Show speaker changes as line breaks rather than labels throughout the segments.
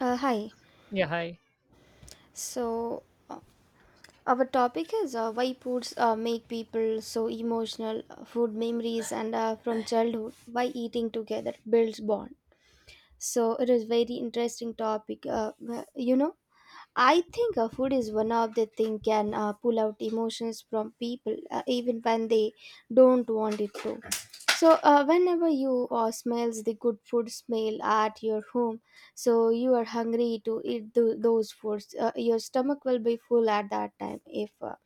Hi.
Yeah, hi.
So, uh, our topic is why foods make people so emotional, food memories, and from childhood, why eating together builds bond. So, it is very interesting topic. I think food is one of the thing can pull out emotions from people even when they don't want it to. So whenever you smells the good food smell at your home, so you are hungry to eat those foods. Your stomach will be full at that time if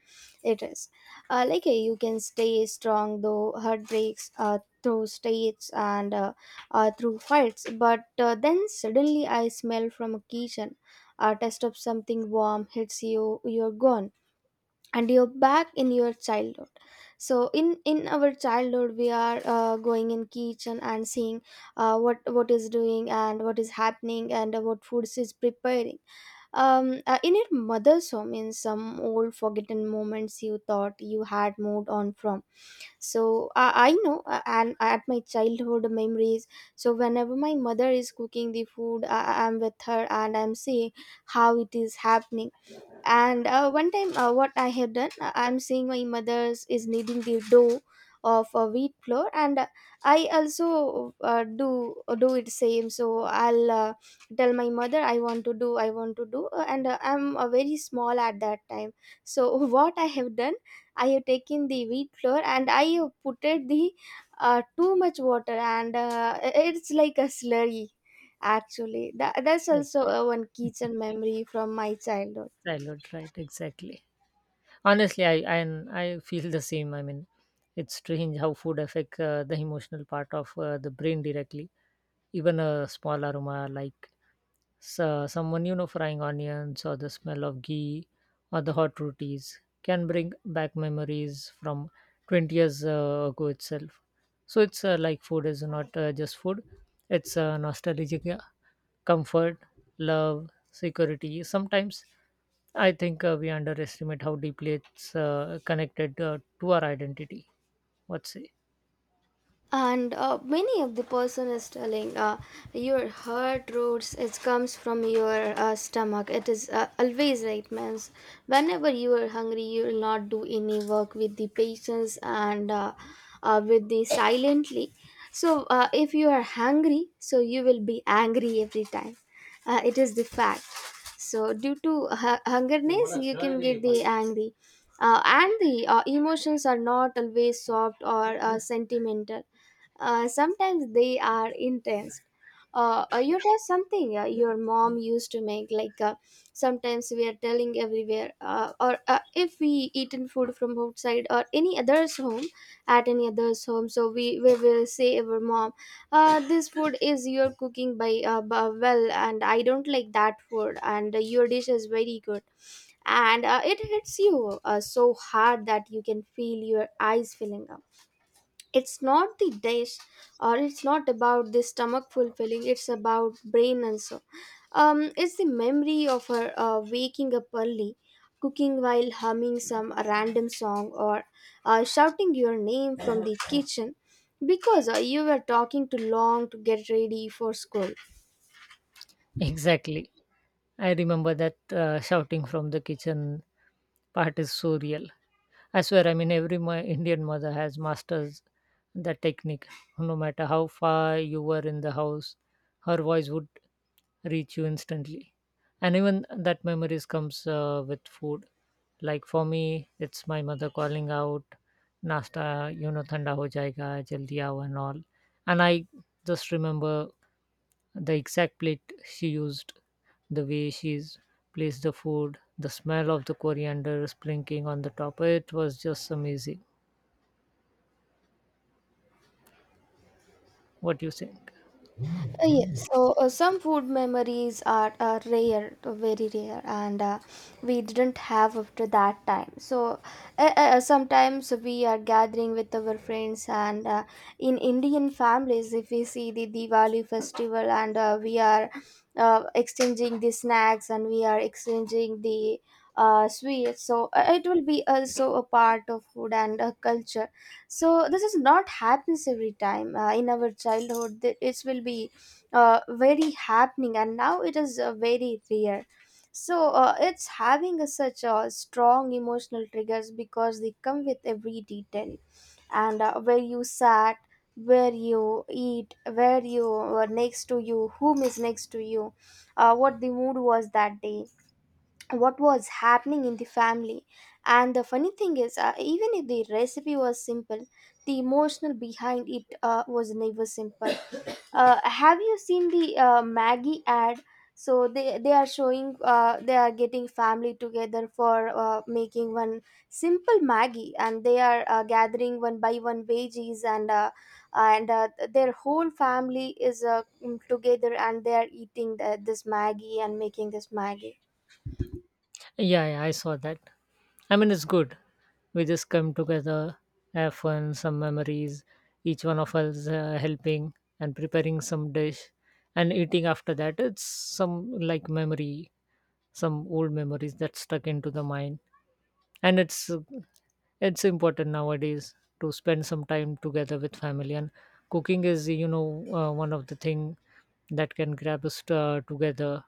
it is. Like, you can stay strong though heartbreaks through states and through fights, but then suddenly I smell from a kitchen, a taste of something warm hits you, you're gone and you're back in your childhood. So in our childhood we are going in kitchen and seeing what is doing and what is happening and what foods is preparing. In your mother's home, in some old forgotten moments you thought you had moved on from. So I know and at my childhood memories, so whenever my mother is cooking the food, I'm with her and I'm seeing how it is happening. And one time what I have done, I'm seeing my mother's is kneading the dough of a wheat flour, and I also do it same. So I'll tell my mother I want to do, I want to do, and I'm very small at that time. So what I have done, I have taken the wheat flour and I have put it the too much water, and it's like a slurry actually. That's
Oh,
also one kitchen memory from my childhood.
Childhood, right? Exactly. Honestly, I and I feel the same. I mean, it's strange how food affect the emotional part of the brain directly. Even a small aroma like so, someone you know frying onions or the smell of ghee or the hot rotis can bring back memories from 20 years ago itself. So it's like food is not just food; it's nostalgic, yeah. Comfort, love, security. Sometimes I think we underestimate how deeply it's connected to our identity. What's it?
And many of the person is telling your heart roots it comes from your stomach. It is always right, means whenever you are hungry you will not do any work with the patience, and with the silently. So if you are hungry, so you will be angry every time. It is the fact. So due to hungerness you can get the angry. And the emotions are not always soft or sentimental. Sometimes they are intense. You tell something, your mom used to make, like, sometimes we are telling everywhere, or if we eaten food from outside or any other's home, at any other's home, so we will say our mom, this food is your cooking by well, and I don't like that food, and your dish is very good, and it hits you so hard that you can feel your eyes filling up. It's not the dish, or it's not about the stomach fulfilling, it's about brain also. It's the memory of her waking up early, cooking while humming some random song, or shouting your name from the kitchen because you were talking too long to get ready for school.
Exactly. I remember that shouting from the kitchen part is so real. I swear, I mean, every my Indian mother has masters that technique. No matter how far you were in the house, her voice would reach you instantly. And even that memories comes with food. Like for me, it's my mother calling out, "Nasta, you know, thanda ho jayega, jaldi aao," and all. And I just remember the exact plate she used, the way she's placed the food, the smell of the coriander sprinkling on the top. It was just amazing. What do you think?
Yes, so some food memories are rare, very rare, and we didn't have after that time. So sometimes we are gathering with our friends, and in Indian families, if we see the Diwali festival, and we are exchanging the snacks and we are exchanging the sweets, so it will be also a part of food and culture. So this is not happens every time in our childhood. It will be very happening and now it is very rare. So it's having a, such a strong emotional triggers because they come with every detail, and where you sat, where you eat, where you were next to you, whom is next to you, what the mood was that day, what was happening in the family. And the funny thing is, even if the recipe was simple, the emotional behind it was never simple. Have you seen the maggie ad? So they are showing, they are getting family together for making one simple maggie, and they are gathering one by one veggies, and and their whole family is together and they are eating this maggie and making this maggie.
Yeah, yeah, I saw that. I mean, it's good. We just come together, have fun, some memories, each one of us helping and preparing some dish and eating after that. It's some like memory, some old memories that stuck into the mind. And it's important nowadays to spend some time together with family, and cooking is, you know, one of the thing that can grab us together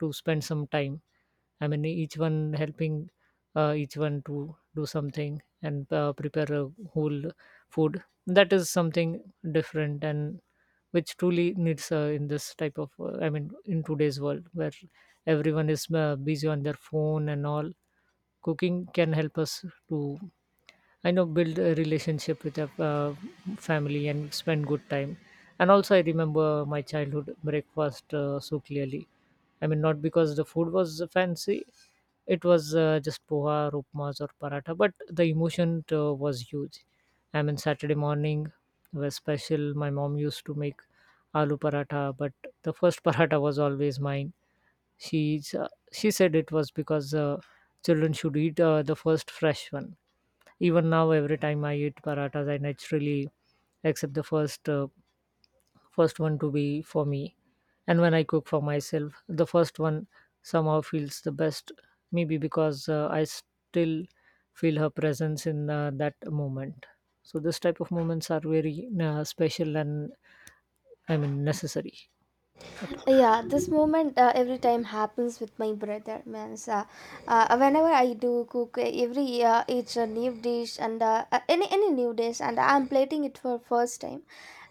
to spend some time. I mean, each one helping each one to do something, and prepare a whole food. That is something different, and which truly needs in this type of, I mean, in today's world where everyone is busy on their phone and all. Cooking can help us to, I know, build a relationship with our family and spend good time. And also, I remember my childhood breakfast so clearly. I mean, not because the food was fancy, it was just poha, upmas, or paratha, but the emotion was huge. I mean, Saturday morning was special. My mom used to make aloo paratha, but the first paratha was always mine. She said it was because children should eat the first fresh one. Even now, every time I eat parathas, I naturally accept the first one to be for me. And when I cook for myself, the first one somehow feels the best. Maybe because I still feel her presence in that moment. So this type of moments are very special and, I mean, necessary. The
Yeah, this moment every time happens with my brother, means whenever I do cook, every it's a new dish, and any new dish, and I'm plating it for first time,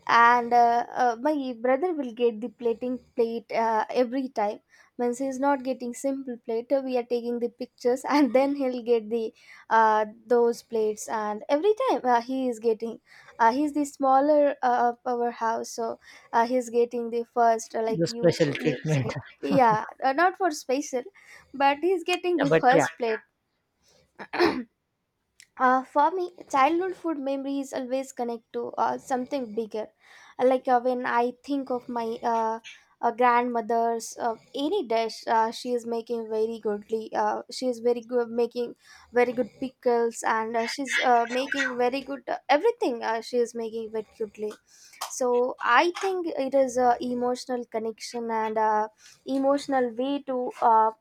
and my brother will get the plating plate every time. Means he's not getting simple plate, we are taking the pictures and then he'll get the those plates, and every time he is getting, he's the smaller of our house, so he's getting the first, like you
special
you
treatment.
said. Yeah, not for special, but he's getting
Yeah,
the
but
first
yeah,
plate. For me, childhood food memories always connect to something bigger. Like when I think of my grandmother's any dish, she is making very goodly. She is very good making very good pickles, and she's making very good everything. She is making very goodly. So I think it is a emotional connection and a emotional way to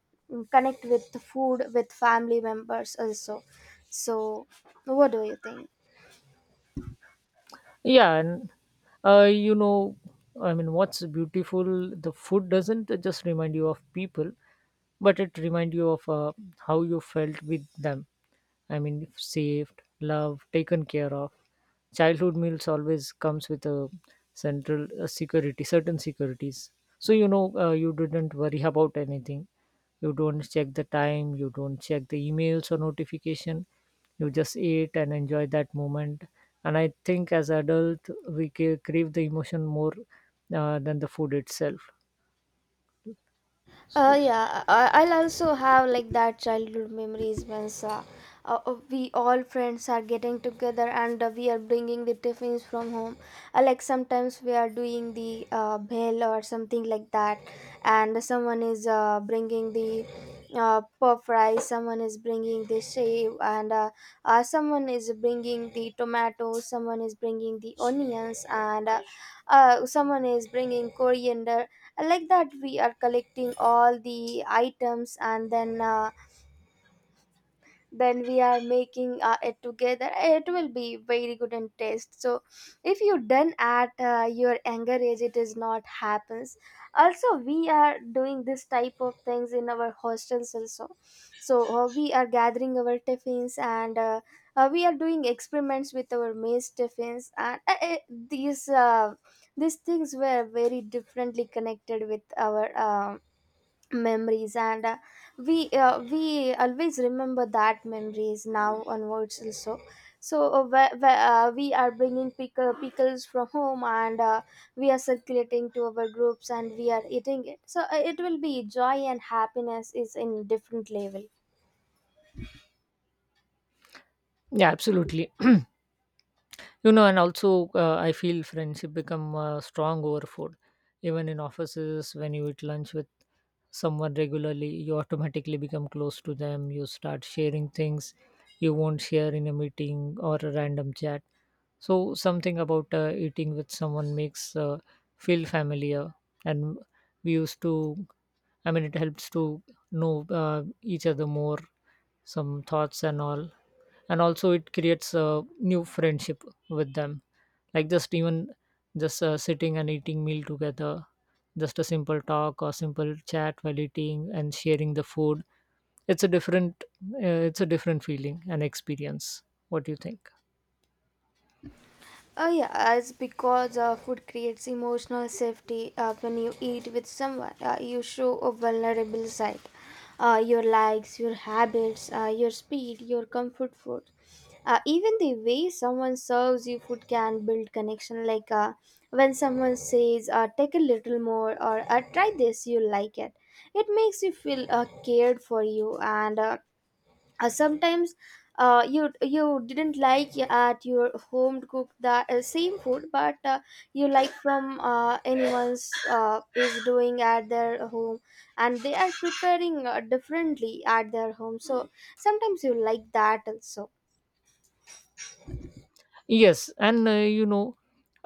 connect with food with family members also. So what do you think?
yeah, and you know, I mean, what's beautiful, the food doesn't just remind you of people, but it reminds you of how you felt with them. I mean, saved, loved, taken care of. Childhood meals always comes with a central a security, certain securities. So, you know, you didn't worry about anything, you don't check the time, you don't check the emails or notification, you just eat and enjoy that moment. And I think as adult we crave the emotion more than the food itself.
Yeah, I'll also have like that childhood memories when we all friends are getting together, and we are bringing the tiffins from home. Like sometimes we are doing the bell or something like that, and someone is bringing the puff rice, someone is bringing the shave, and someone is bringing the tomatoes, someone is bringing the onions, and someone is bringing coriander. Like that we are collecting all the items, and then we are making it together, it will be very good in taste. So if you done at your younger age, it is not happens. Also we are doing this type of things in our hostels also. So we are gathering our tiffins, and we are doing experiments with our maize tiffins, and these uh, these things were very differently connected with our memories, and we always remember that memories now onwards also. So we are bringing pickles from home, and we are circulating to our groups and we are eating it. So it will be joy and happiness is in different level.
Yeah, absolutely. You know, and also I feel friendship become strong over food. Even in offices, when you eat lunch with someone regularly, you automatically become close to them, you start sharing things you won't share in a meeting or a random chat. So something about eating with someone makes feel familiar, and we used to, I mean, it helps to know, uh, each other more, some thoughts and all. And also it creates a new friendship with them, like just even just sitting and eating meal together. Just a simple talk or simple chat while eating and sharing the food, it's a different, it's a different feeling and experience. What do you think?
Yeah, it's because food creates emotional safety. When you eat with someone, you show a vulnerable side. Your likes, your habits, your speed, your comfort food. Even the way someone serves you food can build connection. Like when someone says, take a little more or try this, you like it. It makes you feel cared for you, and sometimes you didn't like at your home to cook the same food, but you like from anyone's is doing at their home, and they are preparing differently at their home. So sometimes you like that also.
Yes, and you know,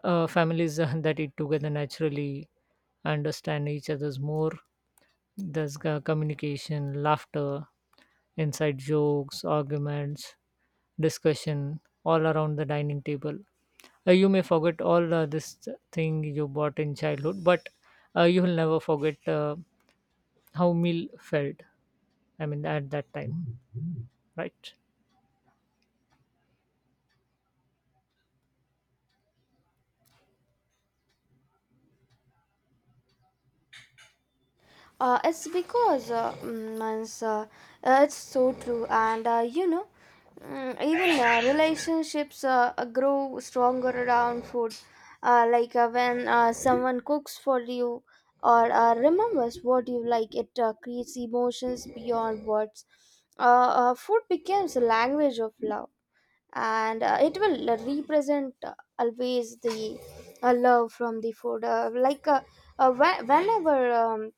families that eat together naturally understand each other's more. There's communication, laughter, inside jokes, arguments, discussion all around the dining table. You may forget all this thing you bought in childhood, but you will never forget how meal felt. I mean, at that time, right?
It's because means, it's so true, and you know, even relationships grow stronger around food, like when someone cooks for you, or remembers what you like, it creates emotions beyond words. uh, Food becomes a language of love, and it will represent always the love from the food. Uh, whe- whenever um,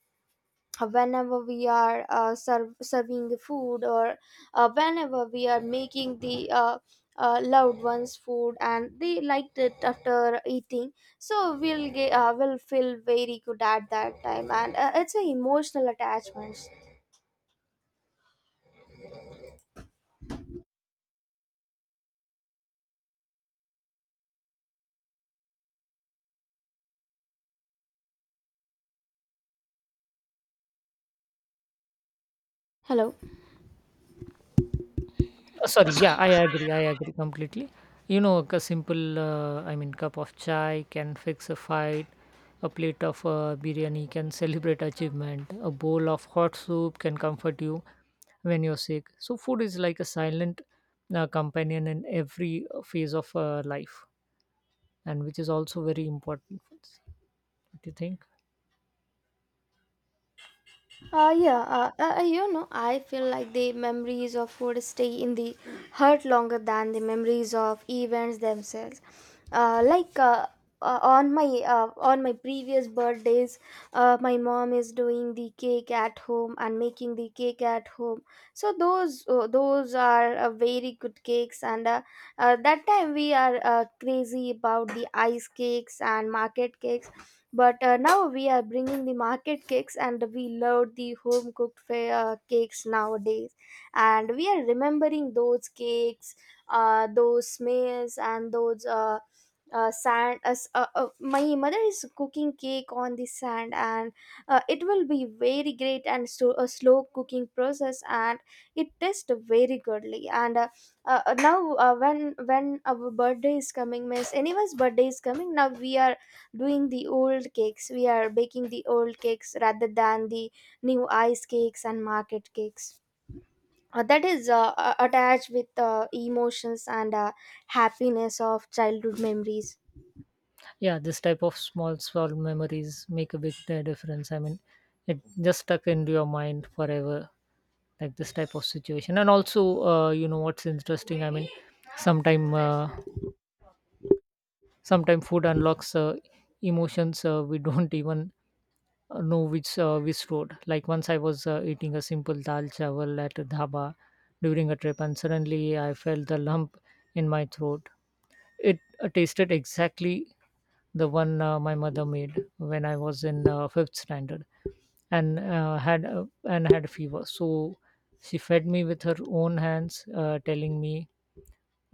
Whenever we are serving the food, or whenever we are making the loved ones food and they liked it after eating, so we'll get will feel very good at that time, and it's a emotional attachment. Hello.
Oh, sorry, yeah, I agree. I agree completely. You know, a simple, I mean, cup of chai can fix a fight. A plate of biryani can celebrate achievement. A bowl of hot soup can comfort you when you're sick. So, food is like a silent companion in every phase of life, and which is also very important. What do you think?
Yeah, you know, I feel like the memories of food stay in the heart longer than the memories of events themselves. Like, on my previous birthdays, my mom is doing the cake at home and making the cake at home. So those are very good cakes, and that time we are crazy about the ice cakes and market cakes, but now we are bringing the market cakes and we love the home cooked cakes nowadays. And we are remembering those cakes, those smells, and those. Sand as my mother is cooking cake on the sand and it will be very great and so a slow cooking process and it tastes very goodly and now when our birthday is coming means anyone's birthday is coming now we are doing the old cakes, we are baking the old cakes rather than the new ice cakes and market cakes. That is attached with emotions and happiness of childhood memories.
Yeah, this type of small, small memories make a big difference. I mean, it just stuck into your mind forever, like this type of situation. And also, you know what's interesting? I mean, sometime, sometime food unlocks emotions we don't even know which road. Like, once I was eating a simple dal chawal at a dhaba during a trip, and suddenly I felt the lump in my throat. It tasted exactly the one my mother made when I was in fifth standard, and had fever. So she fed me with her own hands, telling me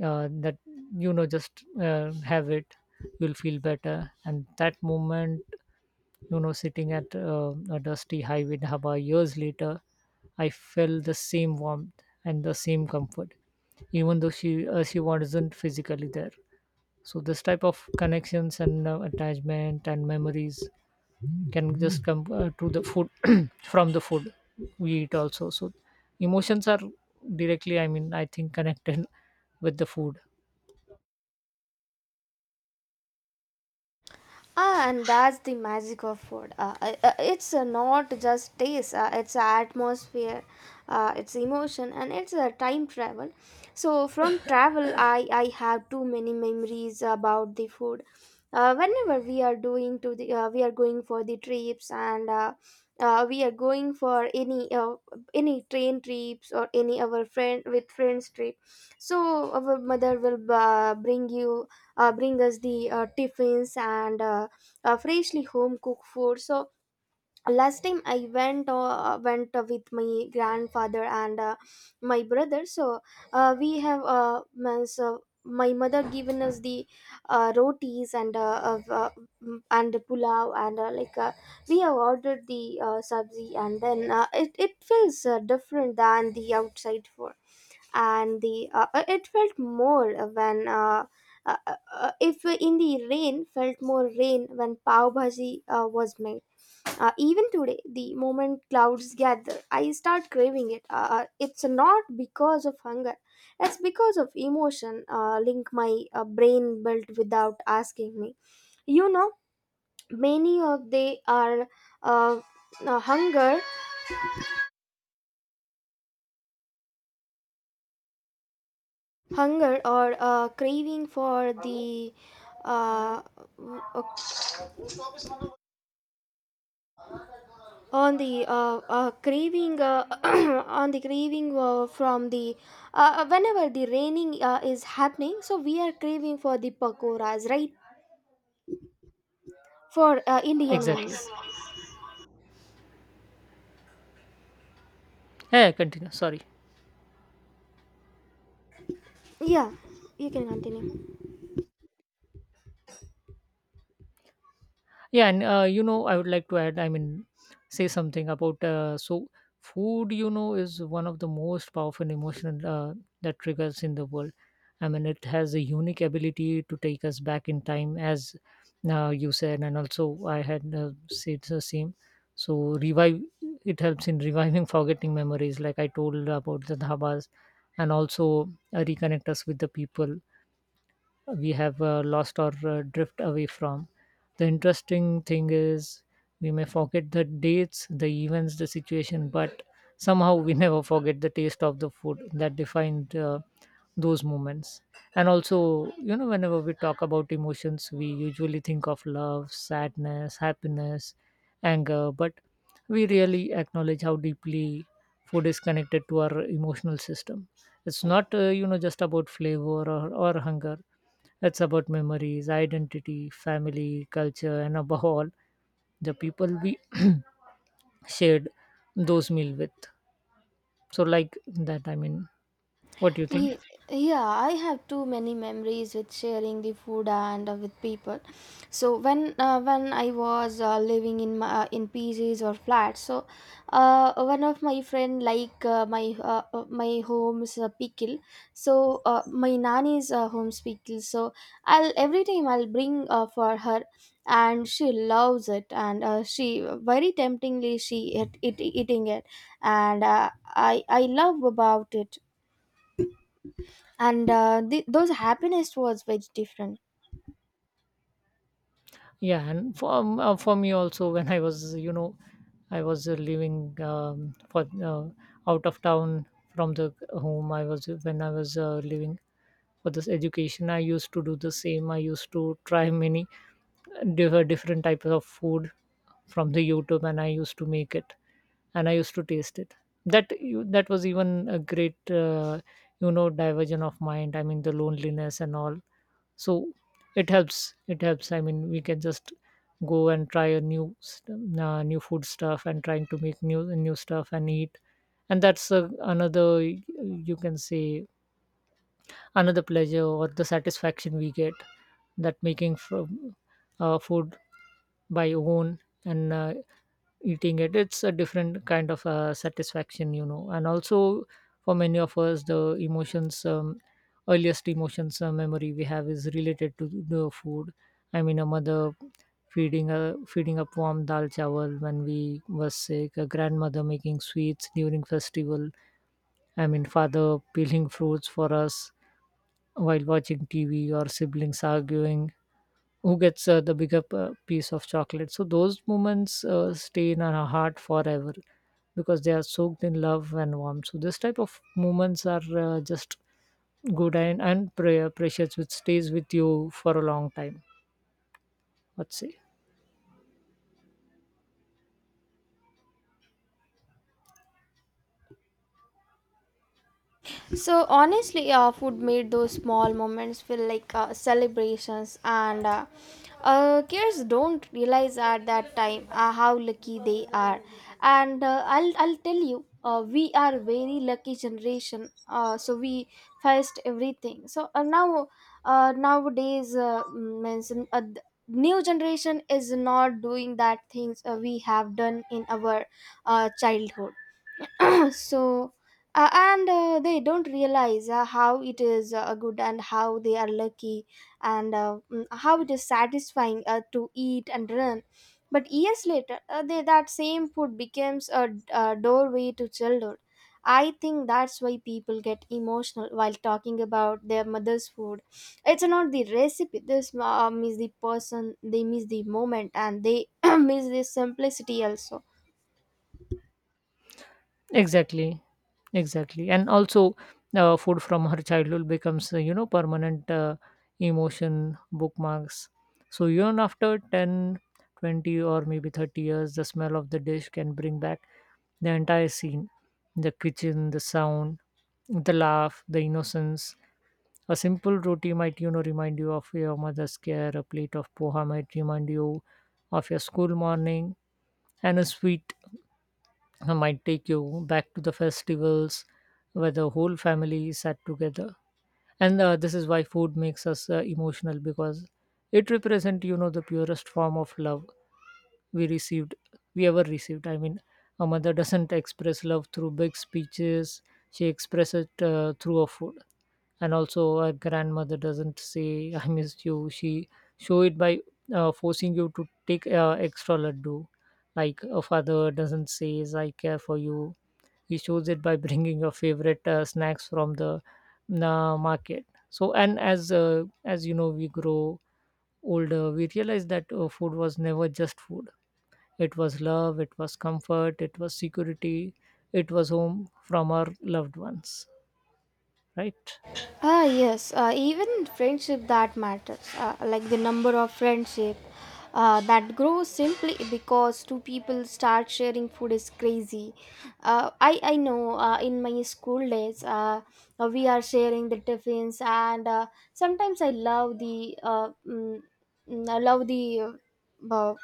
that, you know, just have it, you'll feel better. And that moment, you know, sitting at a dusty highway in dhaba years later, I felt the same warmth and the same comfort, even though she wasn't physically there. So this type of connections and attachment and memories can just come to the food, from the food we eat also. So emotions are directly, I mean, I think connected with the food.
Ah, and that's the magic of food. It's not just taste, it's atmosphere, it's emotion, and it's a time travel. So from travel, I have too many memories about the food. Whenever we are doing to the, we are going for the trips, and we are going for any train trips or any our friend with friends trip. So our mother will bring you bring us the tiffins and freshly home cooked food. So last time I went with my grandfather and my brother. So we have means, my mother given us the rotis and and pulao and we have ordered the sabzi, and then it feels different than the outside food, and the it felt more when if in the rain, felt more rain when pav bhaji was made. Even today, the moment clouds gather, I start craving it. It's not because of hunger, it's because of emotion. Link my brain built without asking me, you know. Many of they are uh, hunger, hunger or craving for the uh, uh, on the craving, on the craving from the whenever the raining is happening, so we are craving for the pakoras, right? For Indian ones.
Exactly. Yeah, continue, sorry.
Yeah, you can continue.
Yeah, and you know, I would like to add, I mean, say something about so food, you know, is one of the most powerful emotional that triggers in the world. I mean, it has a unique ability to take us back in time, as you said, and also I had said the same. So revive, it helps in reviving forgetting memories, like I told about the dhabas, and also reconnect us with the people we have lost or drift away from. The interesting thing is we may forget the dates, the events, the situation, but somehow we never forget the taste of the food that defined those moments. And also, you know, whenever we talk about emotions, we usually think of love, sadness, happiness, anger, but we really acknowledge how deeply food is connected to our emotional system. It's not, you know, just about flavor or hunger. It's about memories, identity, family, culture, and above all the people we shared those meal with. So like that, I mean, what do you think?
Ye- Yeah, I have too many memories with sharing the food and with people. So when when I was living in my, in PGs or flats. So one of my friend like my home's pickle. So my nanny's home's pickle. So I'll every time I'll bring for her, and she loves it, and she very temptingly it eating it, and I love about it, and those happiness was very different.
Yeah, and for me also when I was, you know, I was living for out of town from the home, I was, when I was living for this education, I used to do the same. I used to try many different types of food from the YouTube, and I used to make it, and I used to taste it. That was even a great, you know, diversion of mind. I mean, the loneliness and all. So it helps, it helps. I mean, we can just go and try a new food stuff and trying to make new stuff and eat. And that's another, you can say, another pleasure or the satisfaction we get, that making from food by own, and eating it, it's a different kind of satisfaction, you know. And also, for many of us, the emotions earliest emotions memory we have is related to the food. I mean, a mother feeding up warm dal chawal when we were sick, a grandmother making sweets during festival, I mean, father peeling fruits for us while watching TV, or siblings arguing who gets the bigger piece of chocolate. So those moments stay in our heart forever because they are soaked in love and warmth. So this type of moments are just good and precious, which stays with you for a long time. Let's say
So honestly, food made those small moments feel like celebrations, and kids don't realize at that time how lucky they are. And I'll I'll tell you, we are very lucky generation. So we faced everything, so nowadays new generation is not doing that things we have done in our childhood. so and they don't realize how it is good and how they are lucky, and how it is satisfying to eat and run. But years later, that same food becomes a doorway to childhood. I think that's why people get emotional while talking about their mother's food. It's not the recipe, this miss the person, they miss the moment, and they miss the simplicity also.
exactly, exactly, and also food from her childhood becomes, you know, permanent emotion bookmarks. So even after 10, 20, or maybe 30 years, the smell of the dish can bring back the entire scene, the kitchen, the sound, the laugh, the innocence. A simple roti might, you know, remind you of your mother's care. A plate of poha might remind you of your school morning, and a sweet might take you back to the festivals where the whole family sat together. And this is why food makes us emotional, because it represents, you know, the purest form of love we received we ever received, I mean. A mother doesn't express love through big speeches, she expresses it through her food. And also, a grandmother doesn't say I miss you, she show it by forcing you to take extra laddu. Like a father doesn't say I care for you, he shows it by bringing your favorite snacks from the market. So, and as you know, we grow older, we realize that food was never just food. It was love, it was comfort, it was security, it was home from our loved ones. Right?
Ah, yes, even friendship that matters, like the number of friendship that grows simply because two people start sharing food is crazy. I know in my school days, we are sharing the tiffins, and sometimes I love the I love the uh,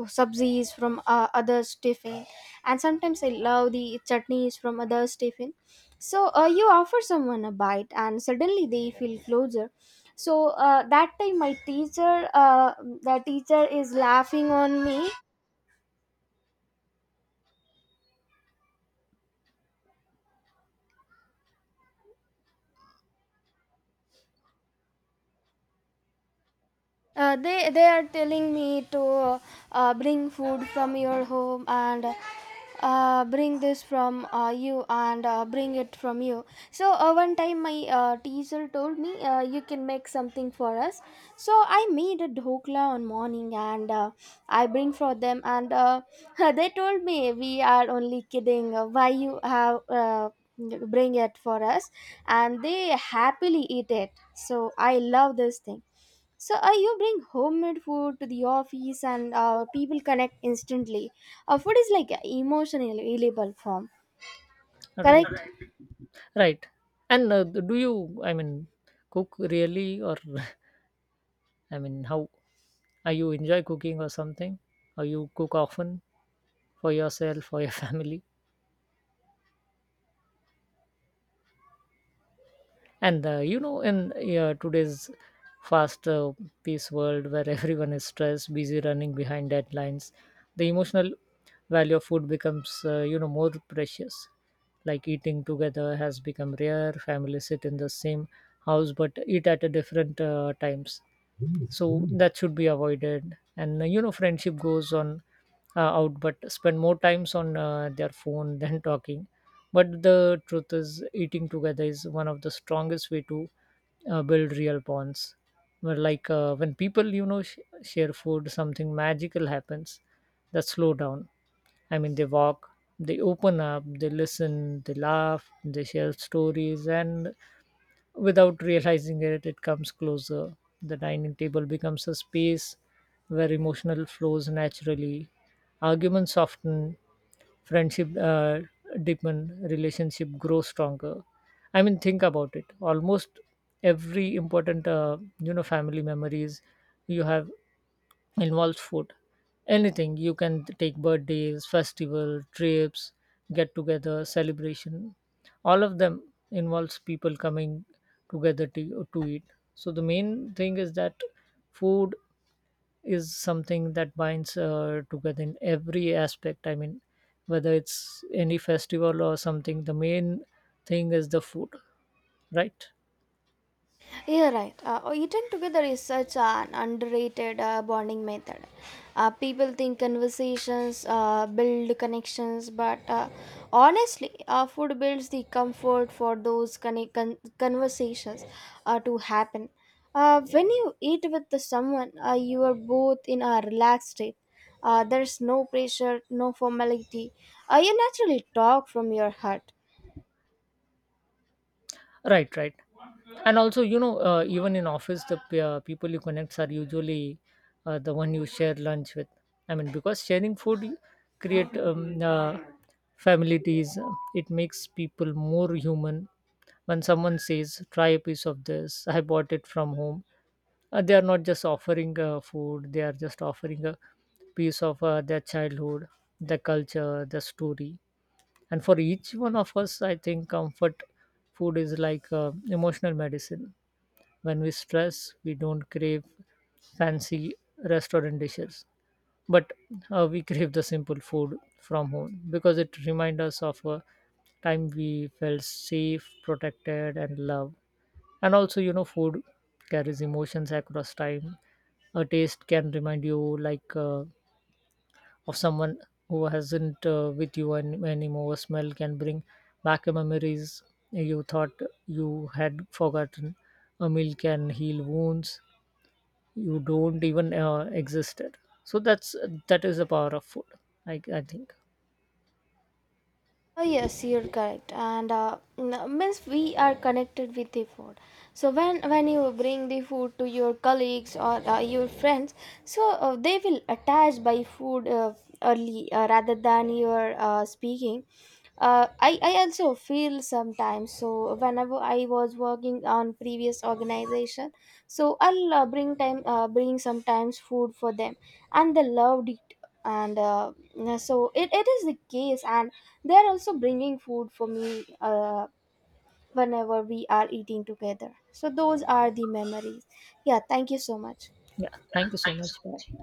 uh, subsidies from others' tiffin, and sometimes I love the chutneys from others' tiffin. So you offer someone a bite, and suddenly they feel closer. So that time, my teacher, the teacher is laughing on me. They are telling me to bring food from your home, and bring this from you, and bring it from you. So one time my teacher told me, you can make something for us. So I made a dhokla on morning, and I bring for them, and they told me, we are only kidding. Why you have bring it for us? And they happily eat it. So I love this thing. So you bring homemade food to the office, and people connect instantly. Food is like an emotion in a reliable form, correct?
Right. Right. And do you, I mean, cook really, or I mean, how are you, enjoy cooking or something? Or you cook often for yourself, for your family? And you know, in today's fast paced world where everyone is stressed, busy running behind deadlines, the emotional value of food becomes, you know, more precious. Like, eating together has become rare. Families sit in the same house but eat at a different times, so that should be avoided. And you know, friendship goes on out, but spend more times on their phone than talking. But the truth is, eating together is one of the strongest way to build real bonds, where like when people, you know, share food, something magical happens. That slow down, I mean, they walk, they open up, they listen, they laugh, they share stories, and without realizing it, it comes closer. The dining table becomes a space where emotional flows naturally, arguments soften, friendship deepen, relationship grow stronger. I mean, think about it. Almost every important, you know, family memories you have involves food. Anything, you can take birthdays, festival trips, get together, celebration, all of them involves people coming together to eat. So the main thing is that food is something that binds together in every aspect, I mean, whether it's any festival or something, the main thing is the food, right?
Yeah, right. Oh, eating together is such an underrated bonding method. People think conversations build connections, but honestly, food builds the comfort for those conversations to happen. When you eat with the someone, you are both in a relaxed state. There's no pressure, no formality. You naturally talk from your heart.
Right. Right. And also, you know, even in office, the people you connect are usually the one you share lunch with. I mean, because sharing food, you create familiarities. It makes people more human. When someone says try a piece of this, I bought it from home, they are not just offering food, they are just offering a piece of their childhood, their culture, their story. And for each one of us, I think comfort food is like emotional medicine. When we stress, we don't crave fancy restaurant dishes, but we crave the simple food from home, because it reminds us of a time we felt safe, protected, and loved. And also, you know, food carries emotions across time. A taste can remind you, like of someone who hasn't with you anymore. A smell can bring back memories you thought you had forgotten. A meal can heal wounds you don't even existed. So that is the power of food, I think.
Oh, yes, you're correct. And means we are connected with the food. So when you bring the food to your colleagues or your friends, so they will attach by food early rather than your speaking. Uh, I also feel sometimes. So whenever I was working on previous organization, so I'll bring time bring sometimes food for them, and they loved it, and yeah, so it is the case, and they're also bringing food for me, whenever we are eating together, so those are the memories. Yeah, thank you so much.
Yeah, thank you so much. Bye.